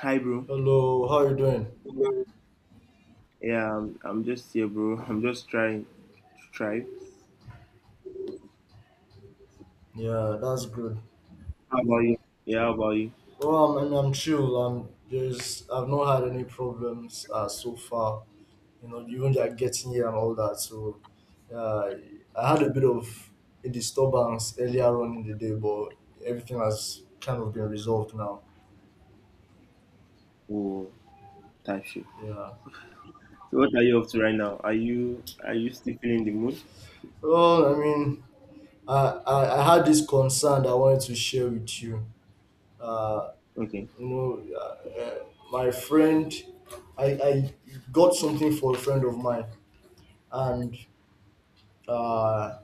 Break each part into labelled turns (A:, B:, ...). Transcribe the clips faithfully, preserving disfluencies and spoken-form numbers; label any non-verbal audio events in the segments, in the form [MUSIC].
A: Hi, bro.
B: Hello, how you doing?
A: Yeah, I'm, I'm just here, bro. [LAUGHS] I'm just trying to try.
B: Yeah, that's good.
A: How about you? Yeah, how about you?
B: Well, I'm, I'm, I'm chill. I'm there's I've not had any problems uh, so far. You know, even like getting here and all that. So, uh, I had a bit of a disturbance earlier on in the day, but everything has kind of been resolved now.
A: Oh, type shit.
B: Yeah.
A: So, what are you up to right now? Are you are you still feeling the mood?
B: Well, I mean, I I, I had this concern that I wanted to share with you. Uh,
A: Okay.
B: you know, uh, uh, my friend, I I got something for a friend of mine and uh,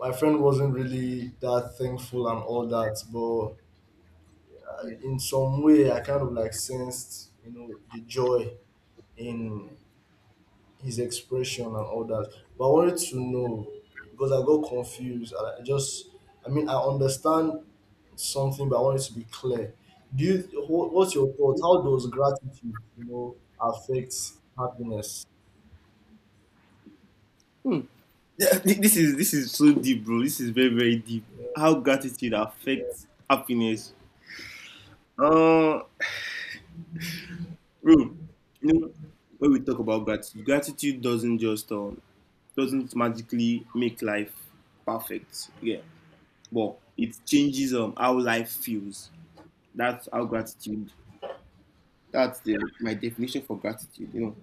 B: my friend wasn't really that thankful and all that, but
A: Yeah.
B: in some way I kind of like sensed, you know, the joy in his expression and all that. But I wanted to know, because I got confused. I I just, I mean, I understand something, but I wanted to be clear. Do you wh- what's your thought? How does gratitude, you know, affect happiness?
A: Hmm. Yeah, [LAUGHS] thi- This is this is so deep, bro. This is very very deep. How gratitude affects happiness. Uh, bro. You know, when we talk about gratitude, gratitude doesn't just um doesn't magically make life perfect. Yeah. But it changes um how life feels. That's how gratitude. That's the, my definition for gratitude. You know,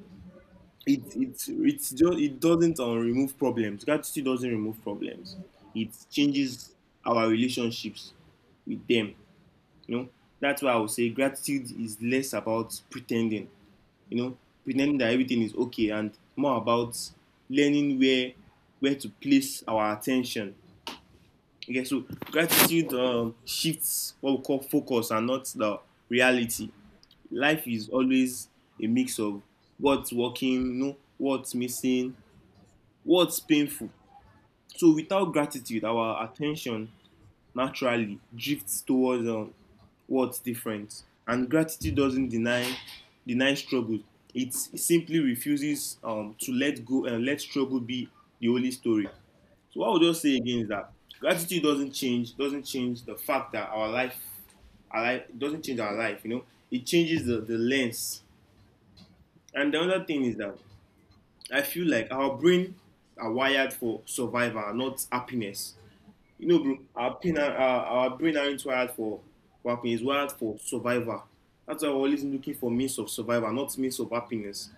A: it it it's just it doesn't um, remove problems. Gratitude doesn't remove problems. It changes our relationships with them. You know, that's why I would say gratitude is less about pretending. You know, pretending that everything is okay, and more about learning where where to place our attention. Okay, so gratitude um, shifts what we call focus and not the reality. Life is always a mix of what's working, no, what's missing, what's painful. So without gratitude, our attention naturally drifts towards um, what's different. And gratitude doesn't deny deny struggle. It simply refuses um, to let go and let struggle be the only story. So what I would just say again is that gratitude doesn't change, doesn't change the fact that our life, our life doesn't change our life. You know, it changes the, the lens. And the other thing is that I feel like our brain are wired for survival, not happiness. You know, bro, our pain, our, our brain aren't wired for, for happiness, it's wired for survival. That's why we're always looking for means of survival, not means of happiness.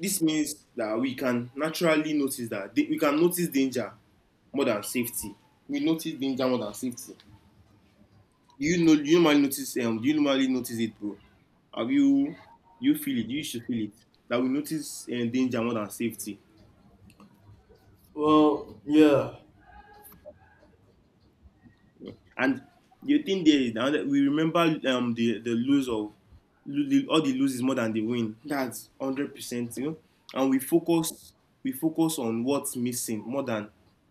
A: This means that we can naturally notice that we can notice danger more than safety. We notice danger more than safety. Do you know? Do you normally notice? Um, do you normally notice it, bro? Have you? You feel it? You should feel it. That we notice uh, danger more than safety.
B: Well, yeah.
A: And the thing there is that we remember um the the lose of lo- the, all the loses more than the win. That's hundred percent, you know. And we focus we focus on what's missing more than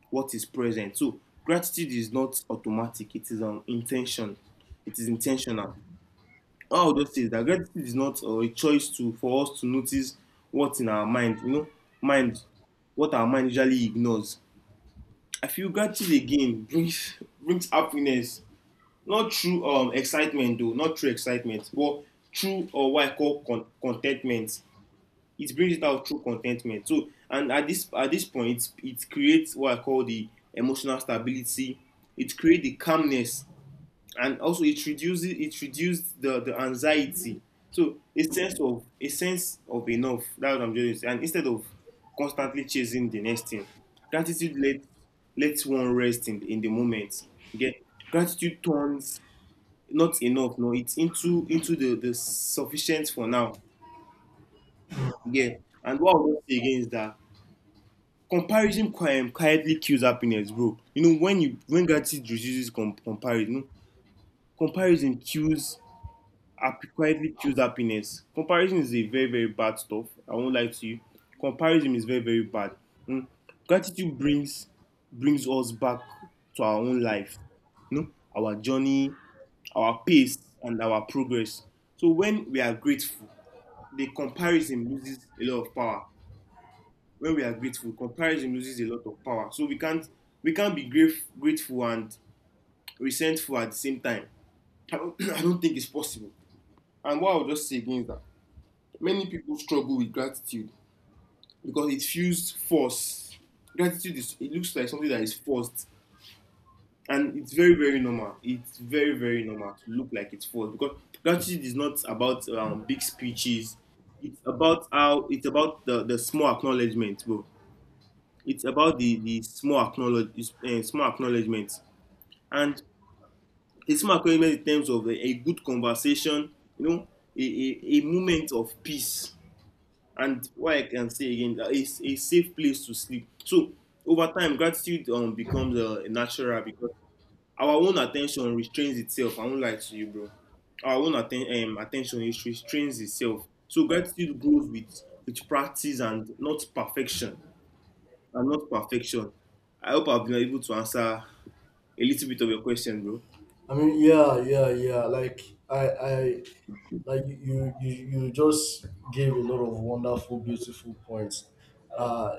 A: what is present. So gratitude is not automatic. It is um intention. It is intentional. All those things that gratitude is not uh, a choice to for us to notice what's in our mind, you know, mind what our mind usually ignores. I feel gratitude again brings [LAUGHS] brings happiness not through um, excitement though not through excitement but through uh, what I call con- contentment. It brings it out through contentment. So and at this at this point it creates what I call the emotional stability. It creates the calmness, and also it reduces it reduced the, the anxiety. So a sense of a sense of enough. That's what I'm doing. And instead of constantly chasing the next thing, gratitude let lets one rest in, in the moment. Get Gratitude turns not enough, no, it's into into the, the sufficient for now. Yeah. And what I would say again is that comparison qui- quietly kills happiness, bro. You know, when you when gratitude reduces com- comparison, comparison kills happy, quietly choose happiness. Comparison is a very, very bad stuff. I won't lie to you. Comparison is very, very bad. Mm. Gratitude brings brings us back to our own life, you know, our journey, our pace, and our progress. So when we are grateful, the comparison loses a lot of power. When we are grateful, comparison loses a lot of power. So we can't we can't be grate- grateful and resentful at the same time. I don't, [CLEARS THROAT] I don't think it's possible. And what I'll just say again is that many people struggle with gratitude because it feels forced. Gratitude is it looks like something that is forced, and it's very very normal. It's very very normal to look like it's forced because gratitude is not about um, big speeches. It's about how it's about the, the small acknowledgement, bro. It's about the the small acknowledge uh, small acknowledgement, and a small acknowledgement in terms of a, a good conversation. You know, a, a, a moment of peace, and what I can say again, uh, it's a safe place to sleep. So over time gratitude um, becomes uh, natural because our own attention restrains itself. I won't lie to you, bro. Our own atten- um, attention is restrains itself. So gratitude grows with with practice and not perfection. and not perfection I hope I've been able to answer a little bit of your question, bro.
B: I mean, yeah, yeah, yeah. Like I, I, like you you you you just gave a lot of wonderful beautiful points. uh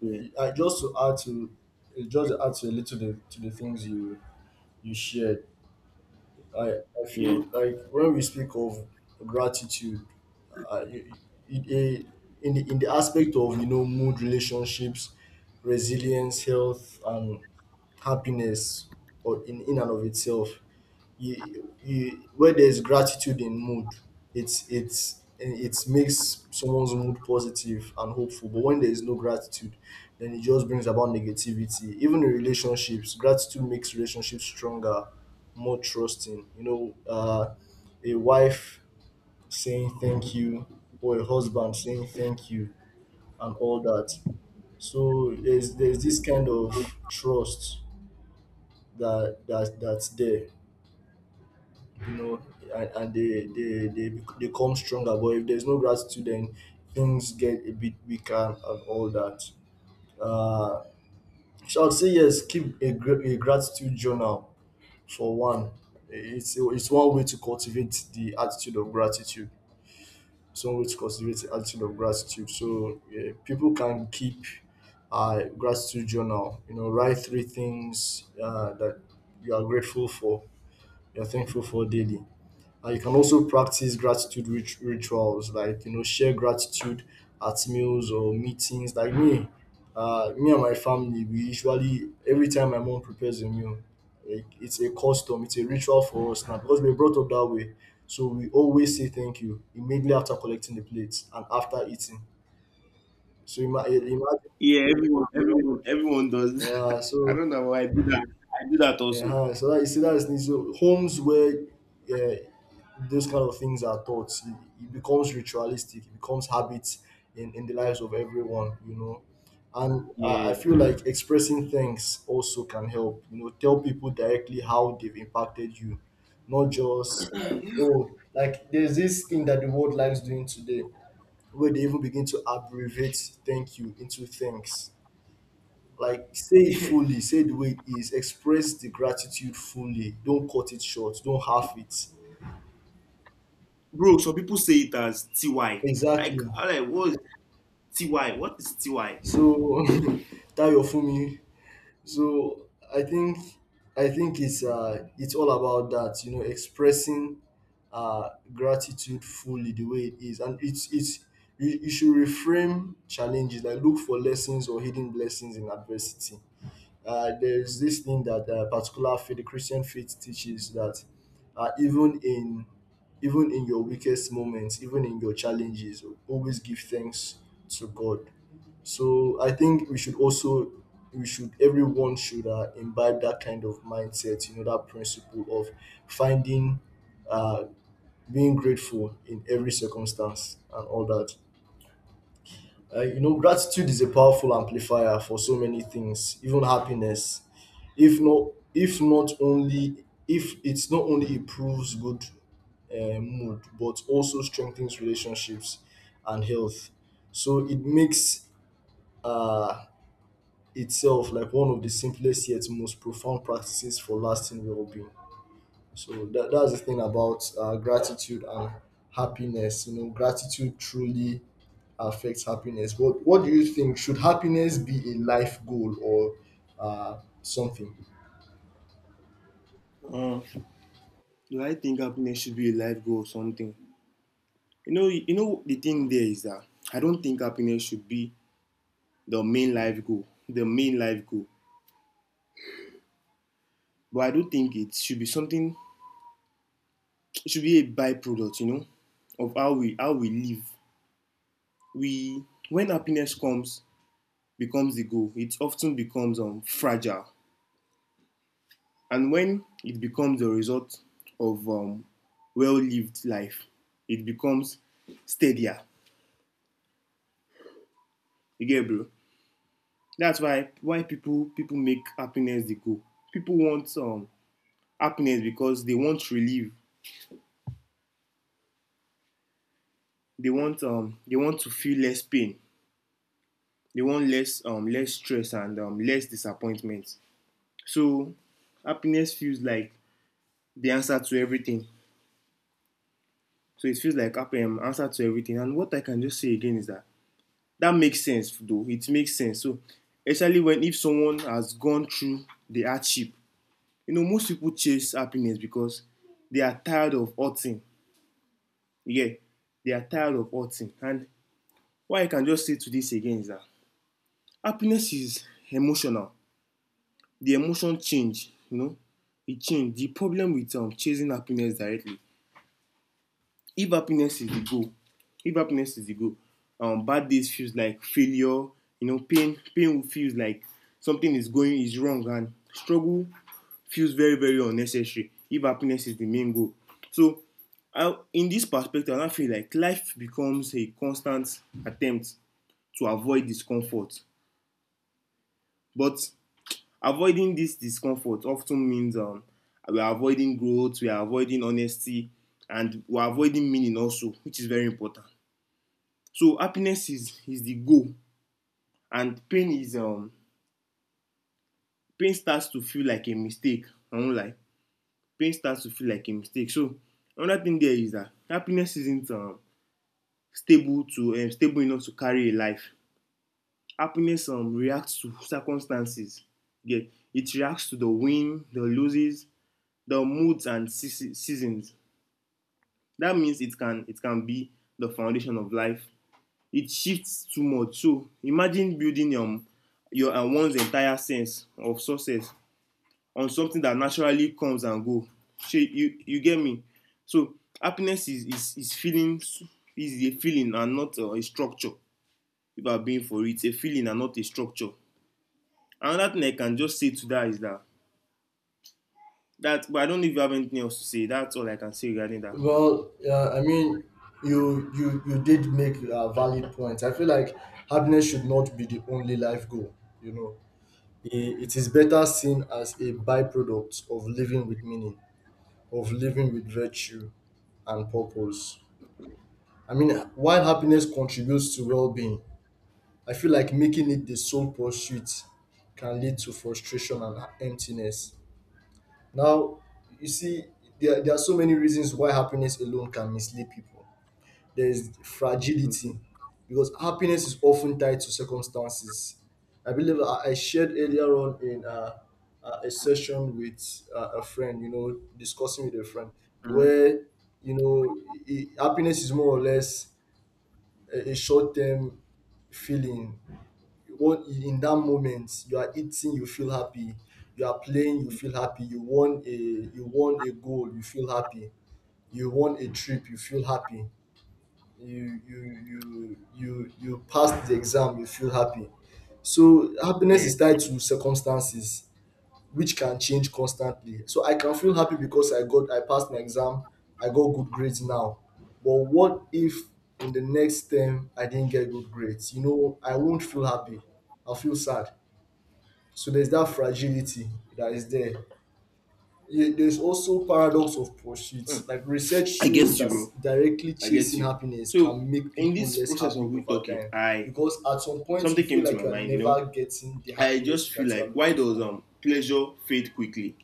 A: Yeah,
B: I, just to add to just to add to a little the, to the things you you shared. I i
A: yeah,
B: feel like when we speak of gratitude, uh, you- you- it, eh, in the in the aspect of, you know, mood, relationships, resilience, health and happiness, or in in and of itself. you, you, where there's gratitude in mood, it's it's it makes someone's mood positive and hopeful, but when there is no gratitude, then it just brings about negativity. Even in relationships, gratitude makes relationships stronger, more trusting, you know. Uh, a wife saying thank you or a husband saying thank you and all that. So there's there's this kind of trust that that that's there, you know. And, and they, they they they come stronger. But if there's no gratitude, then things get a bit weaker and all that. Uh, so I'd say yes, keep a, gra- a gratitude journal for one. It's it's one way to cultivate the attitude of gratitude. It's one way to cultivate the attitude of gratitude. So yeah, people can keep uh, gratitude journal. You know, write three things uh, that you are grateful for, you're thankful for daily. And you can also practice gratitude rit- rituals, like, you know, share gratitude at meals or meetings. Like me, uh, me and my family, we usually every time my mom prepares a meal, like it's a custom, it's a ritual for us now because we're brought up that way. So we always say thank you immediately after collecting the plates and after eating. So ima- eh, imagine,
A: yeah, everyone everyone everyone does
B: yeah.
A: that. [LAUGHS] I
B: So
A: don't know why I do that. I do that also.
B: uh, so that, you see, that is so homes where uh, those kind of things are thoughts, it, it becomes ritualistic, it becomes habits in, in the lives of everyone, you know. And I, I
A: Yeah.
B: feel like expressing thanks also can help, you know, tell people directly how they've impacted you. Not just, oh, like there's this thing that the world likes doing today where they even begin to abbreviate thank you into thanks. Like, say it
A: [LAUGHS]
B: fully, say it the way it is, express the gratitude fully, don't cut it short, don't half it.
A: Bro, some people say it as T Y.
B: Exactly.
A: Like, I'm like, what is T Y? What is T Y?
B: So [LAUGHS] Tayo Fumi. So I think I think it's uh it's all about that, you know, expressing uh gratitude fully the way it is. And it's it's you, you should reframe challenges, like look for lessons or hidden blessings in adversity. Uh, there's this thing that uh, particular faith, the Christian faith teaches, that uh, even in even in your weakest moments, even in your challenges, always give thanks to God. So I think we should also we should everyone should uh, imbibe that kind of mindset. You know, that principle of finding, uh, being grateful in every circumstance and all that. Uh, you know, gratitude is a powerful amplifier for so many things, even happiness. If not, if not only, if it's not only improves good uh, mood, but also strengthens relationships and health. So it makes uh, itself like one of the simplest yet most profound practices for lasting well-being. So that, that's the thing about uh, gratitude and happiness. You know, gratitude truly affects happiness. What What do you think? Should happiness be a life goal or uh, something?
A: Uh, do I think happiness should be a life goal or something? You know, you know the thing there is that I don't think happiness should be the main life goal, the main life goal. But I do think it should be something. It should be a byproduct, you know, of how we how we live. We when happiness comes becomes the goal. It often becomes um fragile. And when it becomes a result of um, well lived life, it becomes steadier. You get it, bro? That's why why people people make happiness the goal. People want um, happiness because they want relief. They want um, they want to feel less pain. They want less um, less stress and um, less disappointment. So happiness feels like the answer to everything. So it feels like happy um, answer to everything. And what I can just say again is that that makes sense though it makes sense. So especially when if someone has gone through the hardship, you know, most people chase happiness because they are tired of hurting. Yeah, they are tired of hurting. And what I can just say to this again is that happiness is emotional. The emotion change, you know, it change the problem with um, chasing happiness directly. If happiness is the goal, If happiness is the goal, um, bad days feels like failure. You know, pain, pain feels like something is going is wrong, and struggle feels very, very unnecessary. If happiness is the main goal, so I, in this perspective, I feel like life becomes a constant attempt to avoid discomfort. But avoiding this discomfort often means um, we are avoiding growth, we are avoiding honesty, and we are avoiding meaning also, which is very important. So happiness is is the goal, and pain is um pain starts to feel like a mistake. I won't lie. Pain starts to feel like a mistake. So another thing there is that happiness isn't um, stable to um, stable enough to carry a life. Happiness um reacts to circumstances. Yeah, it reacts to the win, the losses, the moods and seasons. That means it can it can be the foundation of life. It shifts too much. So imagine building um, your uh, one's entire sense of success on something that naturally comes and go. So you you get me. So happiness is is is feeling. Is a feeling and not uh, a structure. If I'm being for it, it's a feeling and not a structure. Another thing I can just say to that is that. That. But I don't know if you have anything else to say. That's all I can say regarding that.
B: Well, uh, I mean, you you you did make a valid point. I feel like happiness should not be the only life goal. You know, I- it is better seen as a byproduct of living with meaning, of living with virtue and purpose. I mean, while happiness contributes to well-being, I feel like making it the sole pursuit can lead to frustration and emptiness. Now, you see, there, there are so many reasons why happiness alone can mislead people. There is
A: Okay.
B: fragility, because happiness is often tied to circumstances. I believe I, I shared earlier on in uh, uh, a session with uh, a friend, you know, discussing with a friend, where, you know, i i- happiness is more or less a, a short term feeling. What in that moment you are eating, you feel happy. You are playing, you feel happy. You won a you won a goal, you feel happy. You won a trip, you feel happy. You you you you you passed the exam, you feel happy. So happiness
A: Yeah.
B: is tied to circumstances which can change constantly. So I can feel happy because I got I passed my exam, I got good grades now. But what if in the next term I didn't get good grades? You know, I won't feel happy. I'll feel sad. So there's that fragility that is there. Ye- There's also paradox of pursuit. Like research
A: I
B: shows
A: get you,
B: that
A: bro.
B: directly
A: I get
B: chasing
A: you.
B: happiness
A: So
B: can make
A: in
B: people
A: this
B: less
A: process
B: happy
A: of we
B: over
A: talking,
B: time,
A: I
B: because at some point you
A: something
B: feel
A: came to
B: like
A: my
B: you are
A: mind. You know,
B: never getting the
A: I
B: happiness
A: just feel
B: that you are
A: like why
B: looking
A: does
B: for.
A: um pleasure fade quickly?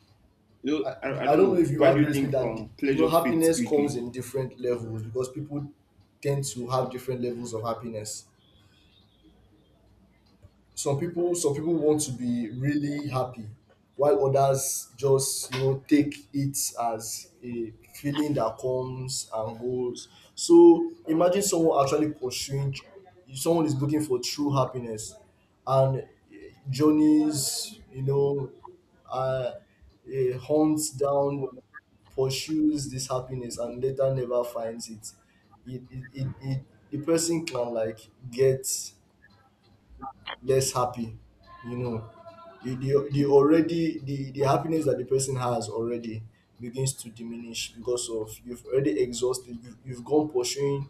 A: You know,
B: I,
A: I, I
B: I
A: don't
B: don't know
A: know.
B: if you
A: Why do
B: agree
A: you
B: with me
A: think
B: that,
A: um
B: you know,
A: pleasure fades
B: happiness
A: quickly?
B: comes in different levels, because people tend to have different levels of happiness. Some people some people want to be really happy, while others just, you know, take it as a feeling that comes and goes. So imagine someone actually pursuing, someone is looking for true happiness and journeys, you know, uh, uh, hunts down, pursues this happiness and later never finds it. It, it, it, it the person can like get less happy, you know. The, the, the already the, the happiness that the person has already begins to diminish, because of you've already exhausted, you've, you've gone pursuing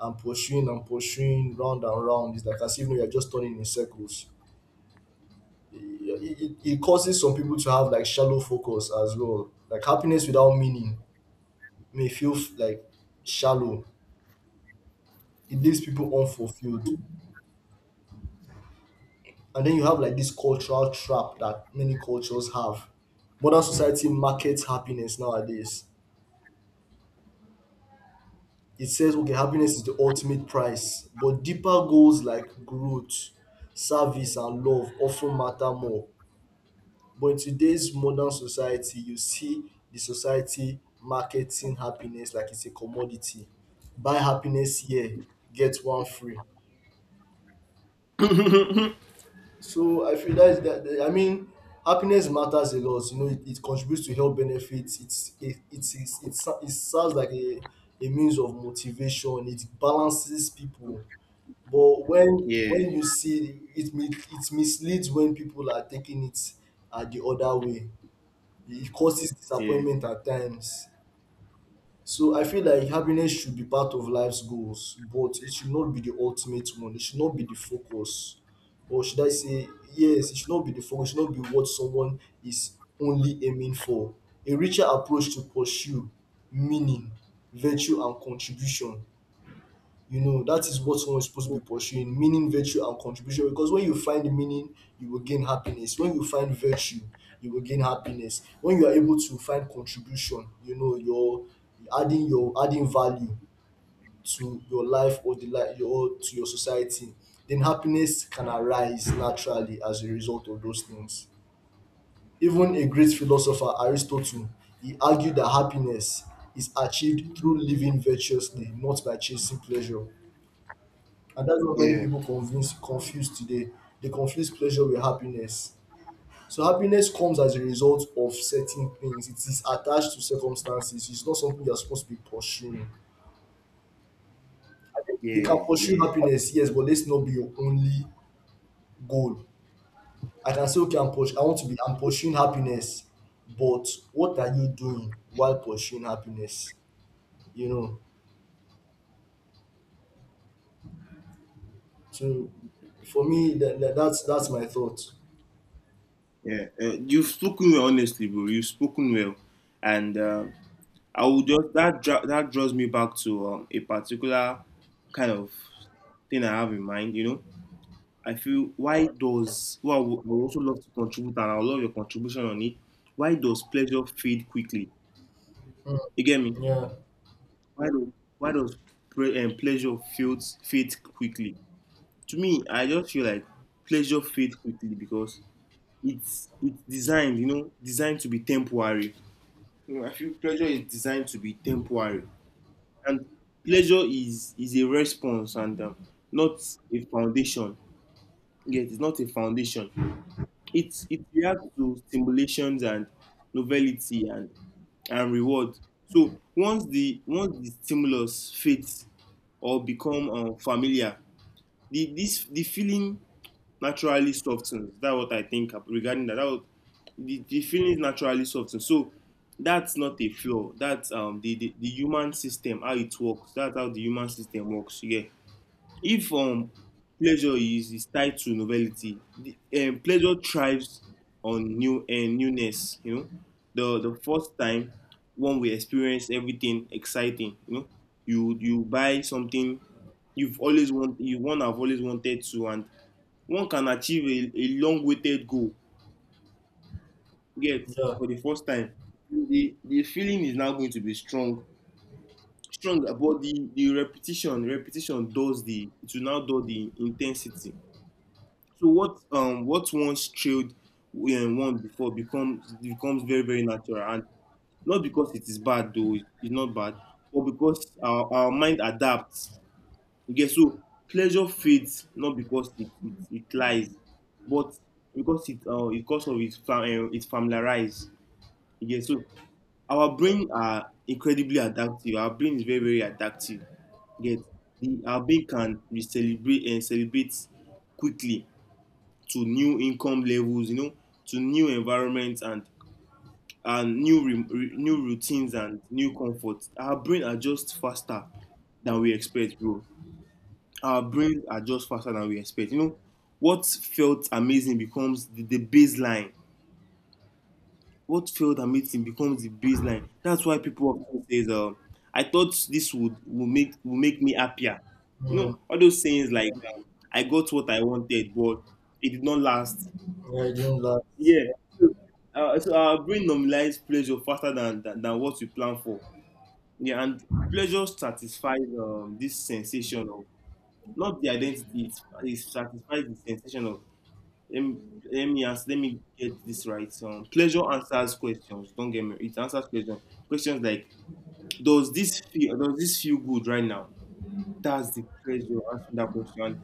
B: and pursuing and pursuing round and round. It's like as if you're just turning in circles. it, it, it it causes some people to have like shallow focus as well, like happiness without meaning may feel f- like shallow. It leaves people unfulfilled. And then you have like this cultural trap that many cultures have. Modern society markets happiness nowadays. It says, okay, happiness is the ultimate price, but deeper goals like growth, service, and love often matter more. But in today's modern society, you see the society marketing happiness like it's a commodity. Buy happiness here, get one free. So I feel that's that. that- I mean, happiness matters a lot. You know, it, it contributes to health benefits. It's it it's, it's, it's it serves like a, a means of motivation. It balances people. But when
A: Yeah,
B: when you see it, mi- it misleads when people are taking it at the other way. It causes
A: yeah,
B: disappointment at times. So I feel like happiness should be part of life's goals, but it should not be the ultimate one. It should not be the focus. Or should I say, yes, it should not be the focus, it should not be what someone is only aiming for. A richer approach to pursue meaning, virtue, and contribution. You know, that is what someone is supposed to be pursuing: meaning, virtue, and contribution. Because when you find meaning, you will gain happiness. When you find virtue, you will gain happiness. When you are able to find contribution, you know, you're adding your adding value to your life or the life your to your society. Then happiness can arise naturally as a result of those things. Even a great philosopher, Aristotle, he argued that happiness is achieved through living virtuously, not by chasing pleasure. And that's what many
A: yeah,
B: people confuse confuse today. They confuse pleasure with happiness. So happiness comes as a result of certain things. It is attached to circumstances. It's not something you're supposed to be pursuing. You can
A: yeah,
B: pursue
A: yeah.
B: happiness, yes, but let's not be your only goal. I can say, okay, I'm push- I want to be, I'm pursuing happiness, but what are you doing while pursuing happiness? You know. So for me, that, that, that's that's my thought.
A: Yeah, Uh, you've spoken well, honestly, bro. You've spoken well, and uh, I would just that dra- that draws me back to um, a particular kind of thing I have in mind. You know, I feel why does well, I would I would also love to contribute, and I would love your contribution on it. Why does pleasure fade quickly? You get me?
B: Yeah.
A: Why do why does pre- um, pleasure feels fade quickly? To me, I just feel like pleasure fades quickly because it's it's designed, you know, designed to be temporary. You know, I feel pleasure is designed to be temporary, and pleasure is is a response and um, not a foundation. Yes, it's not a foundation. It's it reacts to stimulations and novelty and and reward. So once the once the stimulus fades or become um, familiar, the this the feeling naturally softens. That's what I think regarding that. that was, the, the feeling is naturally softens. So that's not a flaw. That's um the, the, the human system, how it works. That's how the human system works. Yeah. If um, pleasure is, is tied to novelty, the, um, pleasure thrives on new and newness. You know, the the first time one will experience everything exciting. You know, you you buy something you've always want you one have always wanted to, and one can achieve a, a long-awaited goal. Yet
B: Yeah.
A: for the first time, the the feeling is now going to be strong. Strong about the the repetition repetition does the it will now do the intensity So what um what once trailed um, one before becomes becomes very very natural, and not because it is bad though it- it's not bad, but because our, our mind adapts. Okay, so pleasure fades not because it it, it lies, but because it uh, because of its fam- uh, it's familiarized. Okay, so our brain are incredibly adaptive. Our brain is very very adaptive. Yet the our brain can re- celebrate and celebrate quickly to new income levels, you know, to new environments and and new re- re- new routines and new comforts. Our brain adjusts faster than we expect, bro. Our brains adjust faster than we expect. You know, what felt amazing becomes the, the baseline. What felt amazing becomes the baseline. That's why people often say, uh, "I thought this would will make will make me happier." You know,
B: Mm.
A: all those sayings like, um, "I got what I wanted, but it did not last."
B: Yeah, it didn't last.
A: Yeah. So, uh, so our brain normalize pleasure faster than, than than what we plan for. Yeah, and pleasure satisfies um, this sensation of not the identity. It, it satisfies the sensation of let me, let me ask, let me get this right. Um, pleasure answers questions. Don't get me. It answers questions. Questions like does this feel does this feel good right now? That's the pleasure answering that question.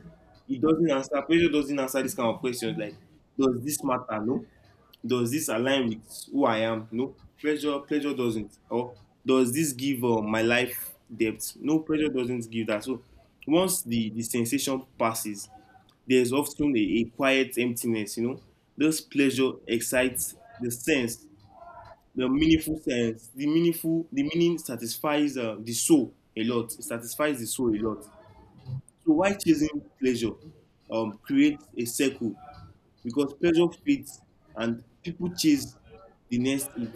A: It doesn't answer. Pleasure doesn't answer this kind of questions like does this matter? No, does this align with who I am? No. Pleasure, pleasure doesn't. Or does this give uh, my life depth? No, pleasure doesn't give that. So once the, the sensation passes, there's often a, a quiet emptiness, you know. This pleasure excites the sense, the meaningful sense, the meaningful, the meaning satisfies uh, the soul a lot. It satisfies the soul a lot. So why chasing pleasure um, creates a circle because pressure fades and people chase the next hit.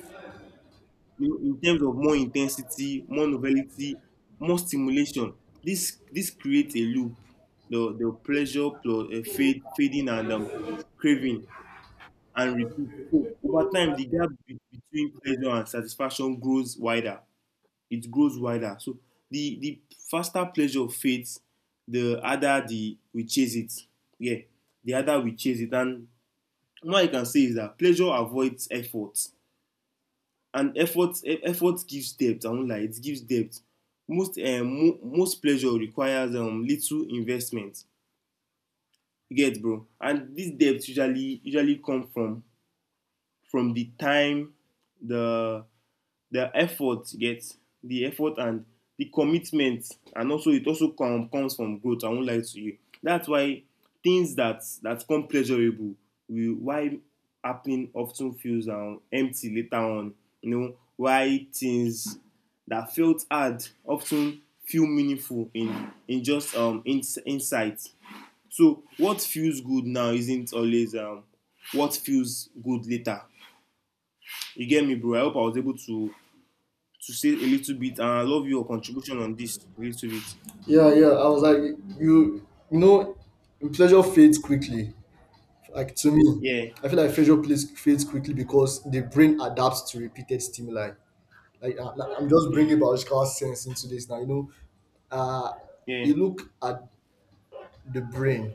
A: You know, in terms of more intensity, more novelty, more stimulation, this this creates a loop. The the pleasure plus uh, fade, fading and um, craving and repeat. So over time, the gap be- between pleasure and satisfaction grows wider. It grows wider. So the the faster pleasure fades, the harder the we chase it. Yeah, the harder we chase it, and and what I can say is that pleasure avoids effort, and effort e- effort gives depth. I won't lie, it gives depth. Most um, mo- most pleasure requires um, little investment. You get, bro. And this depth usually usually come from from the time, the the effort you get the effort and the commitment, and also it also com comes from growth. I won't lie to you. That's why things that that come pleasurable will why happening often feels um, empty later on. You know why things that felt hard often feel meaningful in in just um in, insight. So what feels good now isn't always um what feels good later. You get me, bro. I hope I was able to to say a little bit, and I love your contribution on this a little bit.
B: Yeah, yeah. I was like, you, you know, pleasure fades quickly. Like to me,
A: Yeah,
B: I feel like pleasure plays- fades quickly because the brain adapts to repeated stimuli. Like, uh, like I'm just
A: yeah,
B: bringing biological sense into this now. You know, uh,
A: yeah,
B: you look at the brain,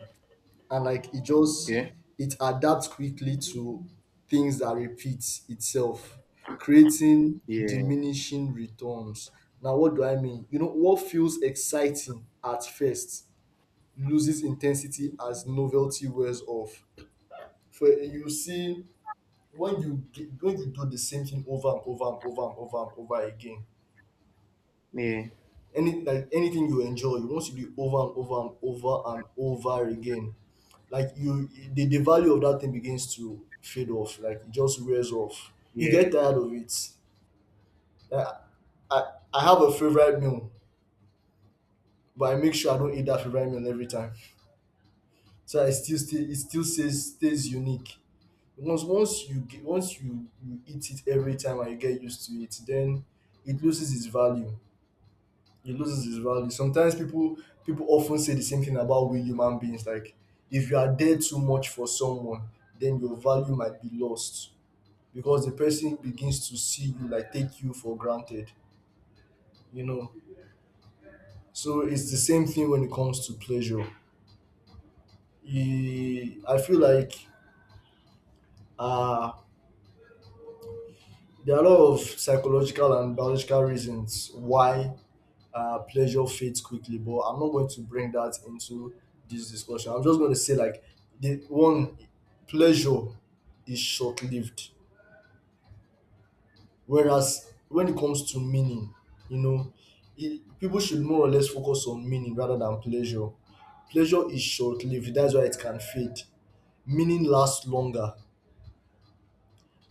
B: and like it just
A: yeah,
B: it adapts quickly to things that repeat itself, creating
A: yeah,
B: diminishing returns. Now, what do I mean? You know, what feels exciting at first loses intensity as novelty wears off. For you see, when you get, when you do the same thing over and over and over and over and over again,
A: yeah,
B: any like anything you enjoy, you want to do it over and over and over and over again. Like you, the, the value of that thing begins to fade off. Like it just wears off. You get tired of it. I, I, I have a favorite meal, but I make sure I don't eat that favorite meal every time. So I still stay, it still stays stays unique. Once once you ge- once you you eat it every time and you get used to it, then it loses its value. It loses its value. Sometimes people people often say the same thing about we human beings. Like, if you are there too much for someone, then your value might be lost, because the person begins to see you like, take you for granted, you know. So it's the same thing when it comes to pleasure. E- I feel like, uh there are a lot of psychological and biological reasons why, uh, pleasure fades quickly, but I'm not going to bring that into this discussion. I'm just going to say, like, the one, pleasure is short lived, whereas when it comes to meaning, you know, it, people should more or less focus on meaning rather than pleasure. Pleasure is short lived. That's why it can fade. Meaning lasts longer.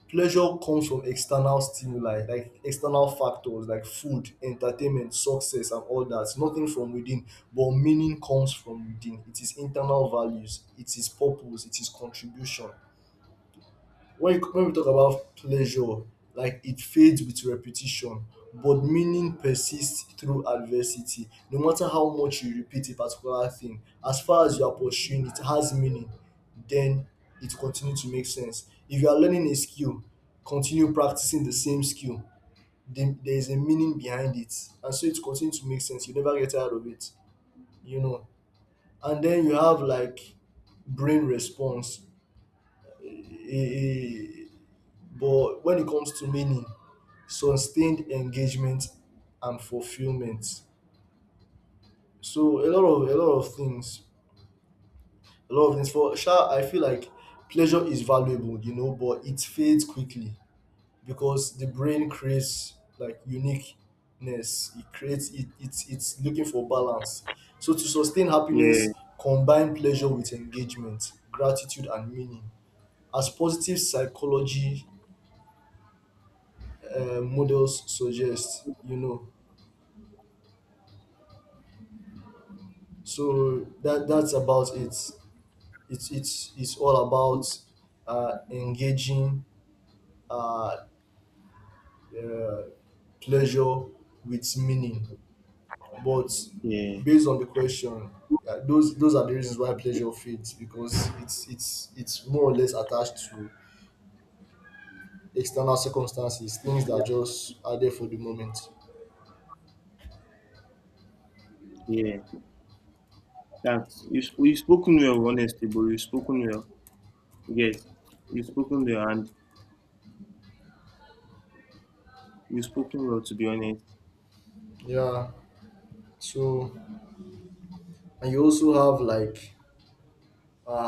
B: Pleasure comes from external stimuli, like external factors, like food, entertainment, success, and all that, nothing from within. But meaning comes from within. It is internal values, it is purpose, it is contribution. When when we talk about pleasure, like, it fades with repetition, but meaning persists through adversity. No matter how much you repeat a particular thing, as far as you are pursuing it has meaning, then it continues to make sense. If you are learning a skill, continue practicing the same skill, then there is a meaning behind it, and so it continues to make sense. You never get tired of it, you know. And then you have like brain response, a but when it comes to meaning, sustained engagement and fulfillment. So a lot of a lot of things, a lot of things. For sure, I feel like pleasure is valuable, you know, but it fades quickly because the brain creates like uniqueness. It creates it. It's it's looking for balance. So to sustain
A: yeah,
B: happiness, combine pleasure with engagement, gratitude, and meaning, as positive psychology uh, models suggest. You know, so that that's about it. It's it's it's all about, uh, engaging, uh, uh, pleasure with meaning. But
A: yeah,
B: based on the question, uh, those those are the reasons why pleasure fades, because it's it's it's more or less attached to external circumstances, things
A: yeah,
B: that just are there for the moment.
A: yeah. That's you. sp- You've spoken well, honestly, but you've spoken well. Yes, you've spoken well, and you've spoken well. To be honest,
B: Yeah. So, and you also have like, uh,